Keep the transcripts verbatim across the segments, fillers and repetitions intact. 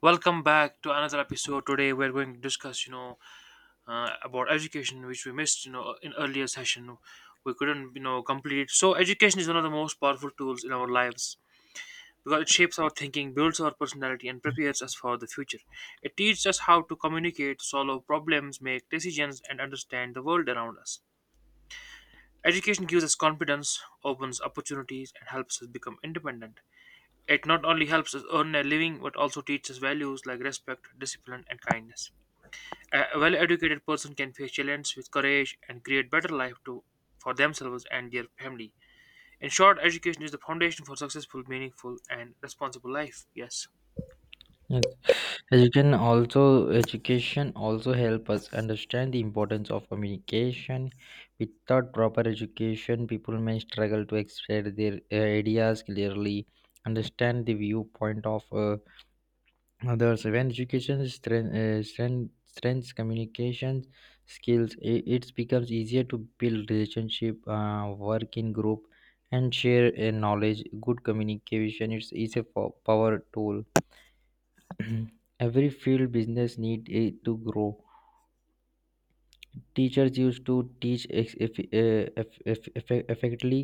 Welcome back to another episode. Today we're going to discuss, you know, uh, about education, which we missed, you know, in earlier session. We couldn't, you know, complete. So education is one of the most powerful tools in our lives because it shapes our thinking, builds our personality, and prepares us for the future. It teaches us how to communicate, solve problems, make decisions, and understand the world around us. Education gives us confidence, opens opportunities, and helps us become independent. It not only helps us earn a living but also teaches values like respect, discipline, and kindness. A well-educated person can face challenges with courage and create better life to, for themselves and their family. In short, education is the foundation for successful, meaningful, and responsible life. Yes. Yes. Education also education also help us understand the importance of communication. Without proper education, people may struggle to express their uh, ideas clearly, understand the viewpoint of uh, others. When education strength, uh, strength, strengthens communication skills, i- it becomes easier to build relationship, uh, work in group, and share uh, knowledge. Good communication is is a po- power tool. Every field business need it to grow. Teachers used to teach ex- eff- eh, eff- eff- eff- effectively.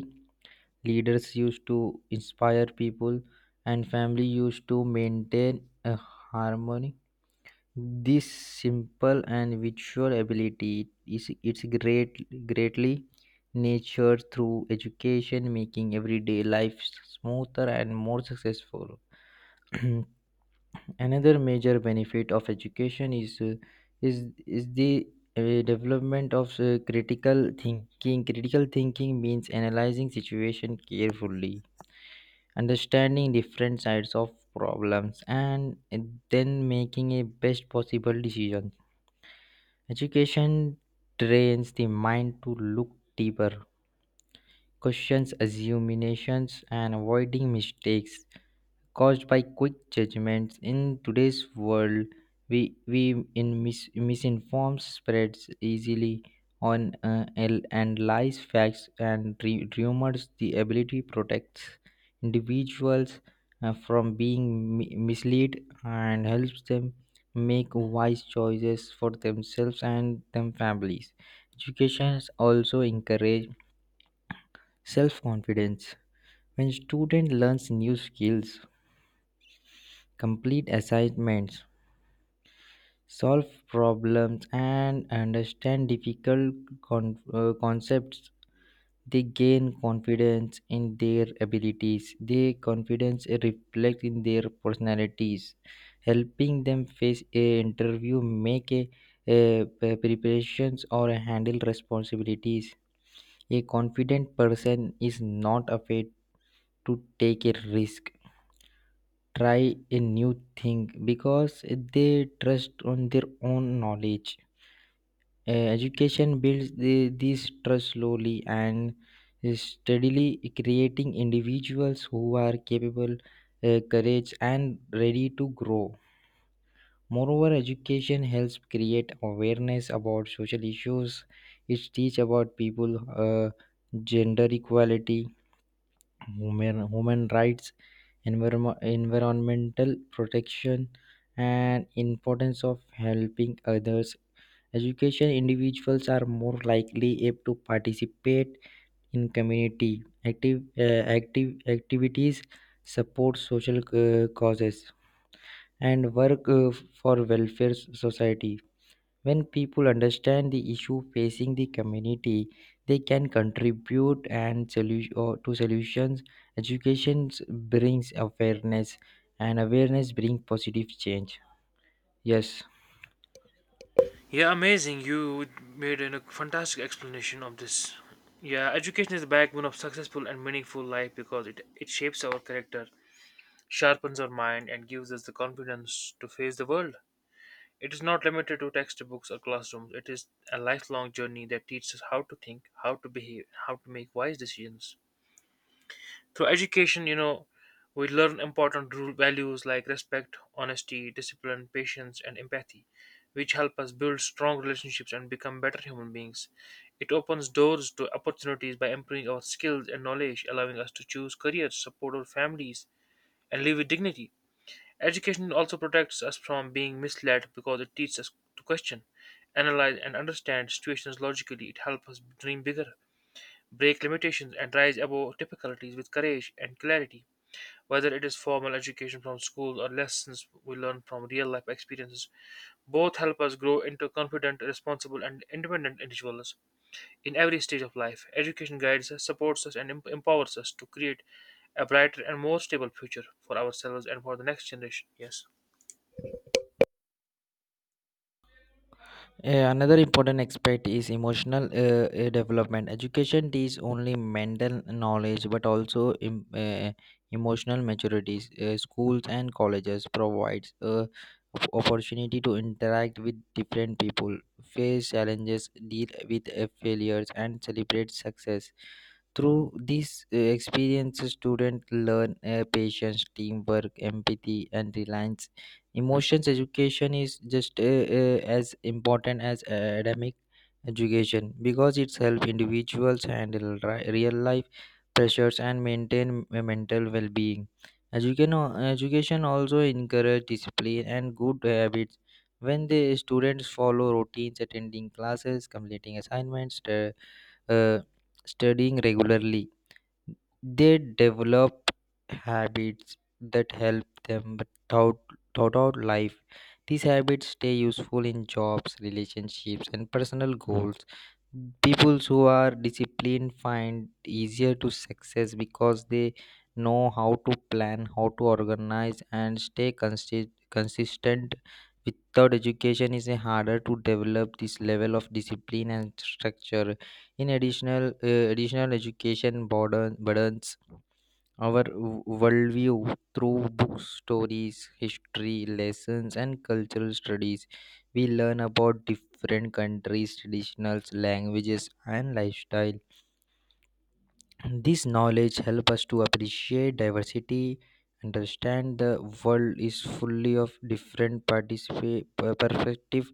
Leaders used to inspire people, and family used to maintain a harmony. This simple and visual ability is it's great greatly nurtured through education, making everyday life smoother and more successful. Another major benefit of education is uh, is is the uh, development of uh, critical thinking. Critical thinking means analyzing situation carefully, understanding different sides of problems, and uh, then making a best possible decision. Education trains the mind to look deeper, questions assumptions, and avoiding mistakes caused by quick judgments in today's world. We we In mis- misinformed spreads easily on, uh, and and lies facts and re- rumors, the ability protects individuals uh, from being mi- misled and helps them make wise choices for themselves and their families. Education also encourage self confidence when student learns new skills, complete assignments, solve problems, and understand difficult con- uh, concepts. They gain confidence in their abilities. Their confidence reflects in their personalities, helping them face a interview, make a, a pre- preparations, or handle responsibilities. A confident person is not afraid to take a risk, try a new thing, because they trust on their own knowledge. Uh, education builds the, this trust slowly and steadily, creating individuals who are capable, uh, courage and ready to grow. Moreover, education helps create awareness about social issues. It teach about people, uh, gender equality, human, human rights, envirom- environmental protection, and importance of helping others. Education individuals are more likely able to participate in community active, uh, active activities, support social uh, causes, and work uh, for welfare society. When people understand the issue facing the community, they can contribute and solu- or to solutions. Education brings awareness, and awareness brings positive change. Yes. Yeah, amazing. You made a fantastic explanation of this. Yeah, education is the backbone of successful and meaningful life because it, it shapes our character, sharpens our mind, and gives us the confidence to face the world. It is not limited to textbooks or classrooms. It is a lifelong journey that teaches us how to think, how to behave, and how to make wise decisions. Through education, you know, we learn important rule values like respect, honesty, discipline, patience, and empathy, which help us build strong relationships and become better human beings. It opens doors to opportunities by improving our skills and knowledge, allowing us to choose careers, support our families, and live with dignity. Education also protects us from being misled because it teaches us to question, analyze, and understand situations logically. It helps us dream bigger, break limitations, and rise above difficulties with courage and clarity. Whether it is formal education from school or lessons we learn from real life experiences, both help us grow into confident, responsible, and independent individuals in every stage of life. Education guides us, supports us, and em- empowers us to create a brighter and more stable future for ourselves and for the next generation. Yes. Uh, another important aspect is emotional uh, uh, development. Education is only mental knowledge but also em- uh, emotional maturities. Uh, schools and colleges provides a op- opportunity to interact with different people, face challenges, deal with uh, failures, and celebrate success. Through these uh, experiences, students learn uh, patience, teamwork, empathy, and reliance emotions. Education is just uh, uh, as important as academic education because it helps individuals handle ri- real life pressures and maintain m- uh, mental well-being. Education, education also encourages discipline and good habits when the students follow routines, attending classes, completing assignments, stu- uh, studying regularly. They develop habits that help them throughout, throughout life. These habits stay useful in jobs, relationships, and personal goals. People who are disciplined find easier to success because they know how to plan, how to organize, and stay consi- consistent. Without education, it's harder to develop this level of discipline and structure. In additional, uh, additional education burden, burdens our w- worldview through books, stories, history, lessons, and cultural studies. We learn about different countries, traditions, languages, and lifestyle. This knowledge helps us to appreciate diversity, understand the world is fully of different participa- perspective.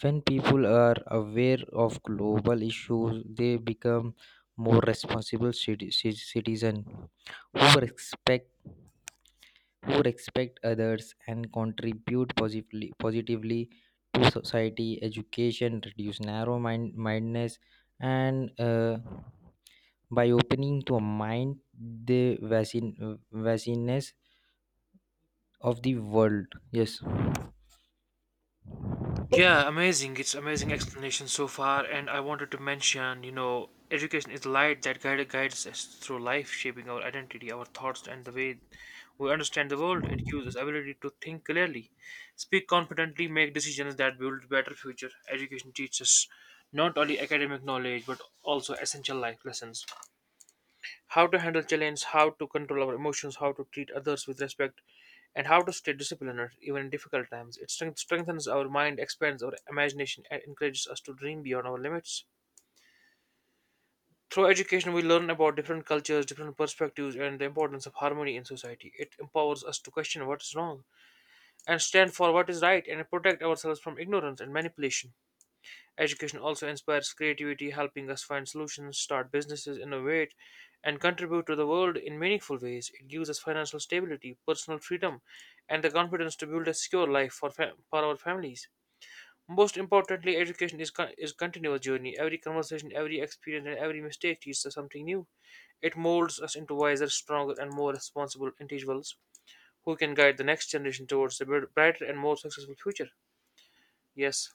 When people are aware of global issues, they become more responsible citi- ci- citizens who respect who respect others and contribute positively positively to society. Education reduce narrow mind mindedness and uh, by opening to a mind the vast vastness of the world. Yes. Yeah, amazing. It's amazing explanation so far. And I wanted to mention, you know, education is the light that guide, guides us through life, shaping our identity, our thoughts, and the way we understand the world. It gives us ability to think clearly, speak confidently, make decisions that build better future. Education teaches not only academic knowledge but also essential life lessons, how to handle challenge, how to control our emotions, how to treat others with respect, and how to stay disciplined even in difficult times. It strength- strengthens our mind, expands our imagination, and encourages us to dream beyond our limits. Through education, we learn about different cultures, different perspectives, and the importance of harmony in society. It empowers us to question what is wrong and stand for what is right and protect ourselves from ignorance and manipulation. Education also inspires creativity, helping us find solutions, start businesses, innovate, and contribute to the world in meaningful ways. It gives us financial stability, personal freedom, and the confidence to build a secure life for, fa- for our families. Most importantly, education is con- is continuous journey. Every conversation, every experience, and every mistake teaches us something new. It molds us into wiser, stronger, and more responsible individuals who can guide the next generation towards a br- brighter and more successful future. Yes.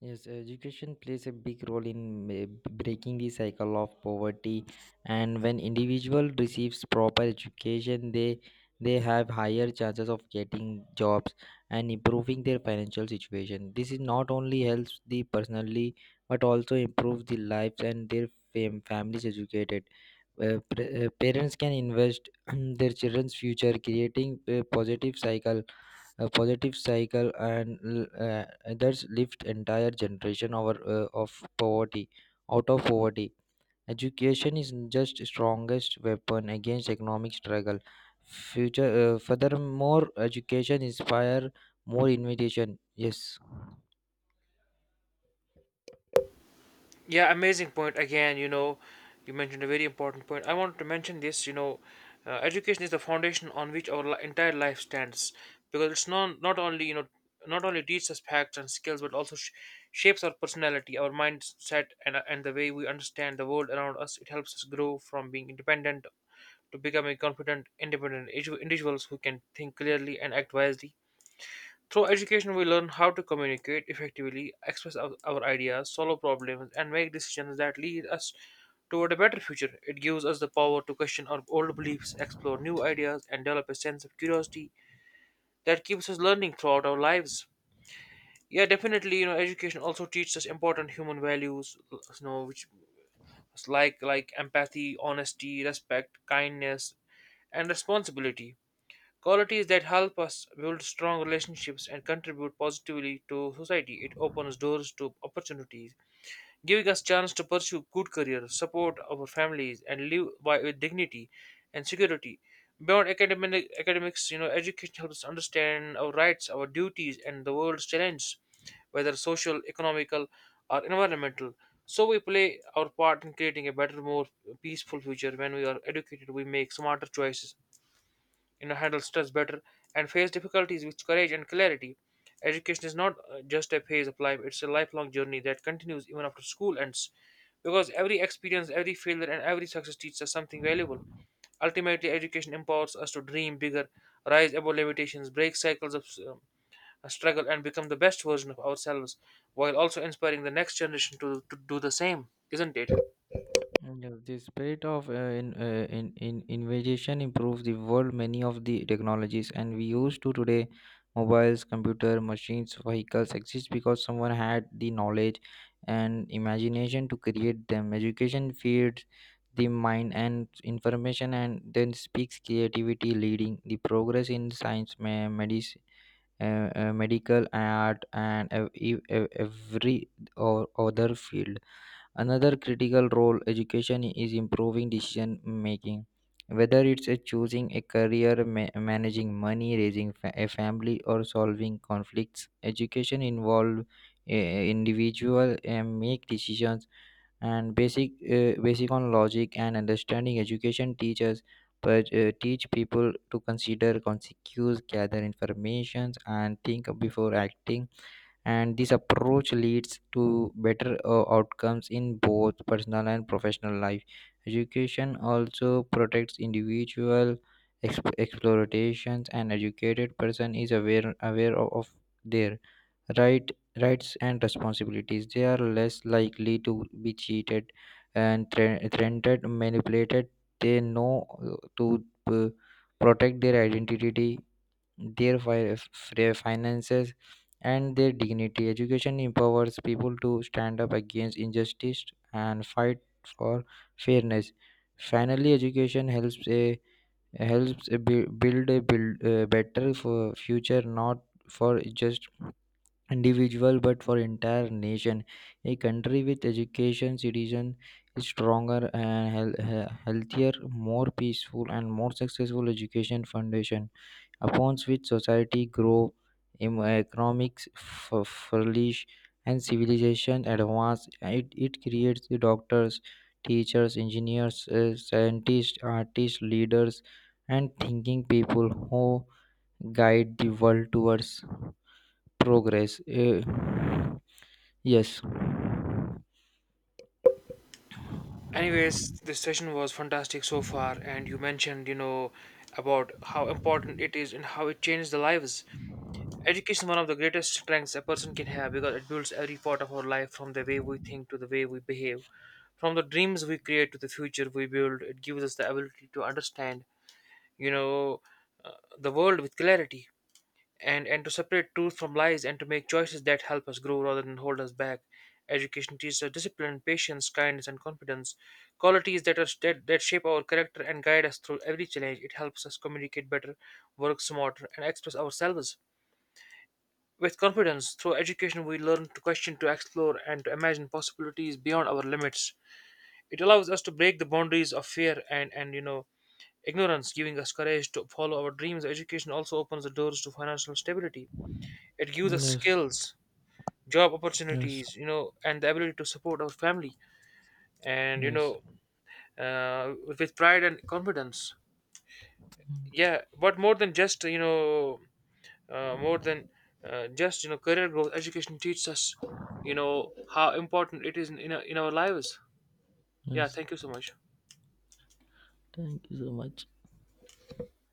Yes, education plays a big role in ma- breaking the cycle of poverty, and when individual receives proper education, they they have higher chances of getting jobs and improving their financial situation. This is not only helps the personally, but also improves the lives and their fam- families educated. Uh, pre- uh, parents can invest in their children's future, creating a positive cycle a positive cycle and l- uh, that's lift entire generation over uh, of poverty out of poverty. Education is just strongest weapon against economic struggle. Future uh, Furthermore, education inspire more invitation. Yes. Yeah, amazing point. Again, you know, you mentioned a very important point. I wanted to mention this. You know, uh, education is the foundation on which our li- entire life stands, because it's not not only you know not only teaches us facts and skills, but also sh- shapes our personality, our mindset, and and the way we understand the world around us. It helps us grow from being independent to becoming confident, independent individu- individuals who can think clearly and act wisely. Through education, we learn how to communicate effectively, express our, our ideas, solve problems, and make decisions that lead us toward a better future. It gives us the power to question our old beliefs, explore new ideas, and develop a sense of curiosity that keeps us learning throughout our lives. Yeah, definitely. You know, education also teaches us important human values. You know, which like like empathy, honesty, respect, kindness, and responsibility. Qualities that help us build strong relationships and contribute positively to society. It opens doors to opportunities, giving us chance to pursue good careers, support our families, and live by, with dignity and security. Beyond academic academics, you know, education helps us understand our rights, our duties, and the world's challenges, whether social, economical, or environmental. So we play our part in creating a better, more peaceful future. When we are educated, we make smarter choices you know handle stress better, and face difficulties with courage and clarity. Education is not uh, just a phase of life. It's a lifelong journey that continues even after school ends, because every experience, every failure, and every success teaches us something valuable. Ultimately, education empowers us to dream bigger, rise above limitations, break cycles of um, struggle, and become the best version of ourselves, while also inspiring the next generation to, to do the same, isn't it? And uh, the spirit of uh, in, uh, in, in innovation improves the world. Many of the technologies and we use to today, mobiles, computer machines, vehicles, exist because someone had the knowledge and imagination to create them. Education feeds the mind and information and then speaks creativity, leading the progress in science, ma- medicine, uh, uh, medical, art, and ev- ev- ev- every or other field. Another critical role education is improving decision making, whether it's a choosing a career, ma- managing money, raising fa- a family, or solving conflicts. Education involve a individual and make decisions and basic uh, basic on logic and understanding. Education teaches but uh, teach people to consider consequences, gather information, and think before acting, and this approach leads to better uh, outcomes in both personal and professional life. Education also protects individual exp- explorations, and educated person is aware aware of, of their right rights and responsibilities. They are less likely to be cheated and thre- threatened, manipulated. They know uh, to uh, protect their identity, their fi- f- their finances, and their dignity. Education empowers people to stand up against injustice and fight for fairness. Finally, education helps a helps a bu- build a build a better for future, not for just individual but for entire nation. A country with education citizen is stronger and heal- healthier, more peaceful, and more successful. Education foundation upon which society grow, em- economics f- flourish, and civilization advance. It, it creates the doctors, teachers, engineers, uh, scientists, artists, leaders, and thinking people who guide the world towards progress. Uh, yes. Anyways, this session was fantastic so far, and you mentioned you know about how important it is and how it changes the lives. Education is one of the greatest strengths a person can have because it builds every part of our life, from the way we think to the way we behave, from the dreams we create to the future we build. It gives us the ability to understand you know uh, the world with clarity, and and to separate truth from lies, and to make choices that help us grow rather than hold us back. Education teaches us discipline, patience, kindness, and confidence, qualities that are that, that shape our character and guide us through every challenge. It helps us communicate better, work smarter, and express ourselves with confidence. Through education, we learn to question, to explore, and to imagine possibilities beyond our limits. It allows us to break the boundaries of fear and and you know ignorance, giving us courage to follow our dreams. Education also opens the doors to financial stability. It gives us Yes. skills, job Yes. opportunities, you know, and the ability to support our family and, you Yes. know, uh, with pride and confidence. Mm, Yeah, but more than just, you know, uh, more than uh, just, you know, career growth, education teaches us, you know, how important it is in, in, our, in our lives. Yeah, yes. thank you so much. Thank you so much.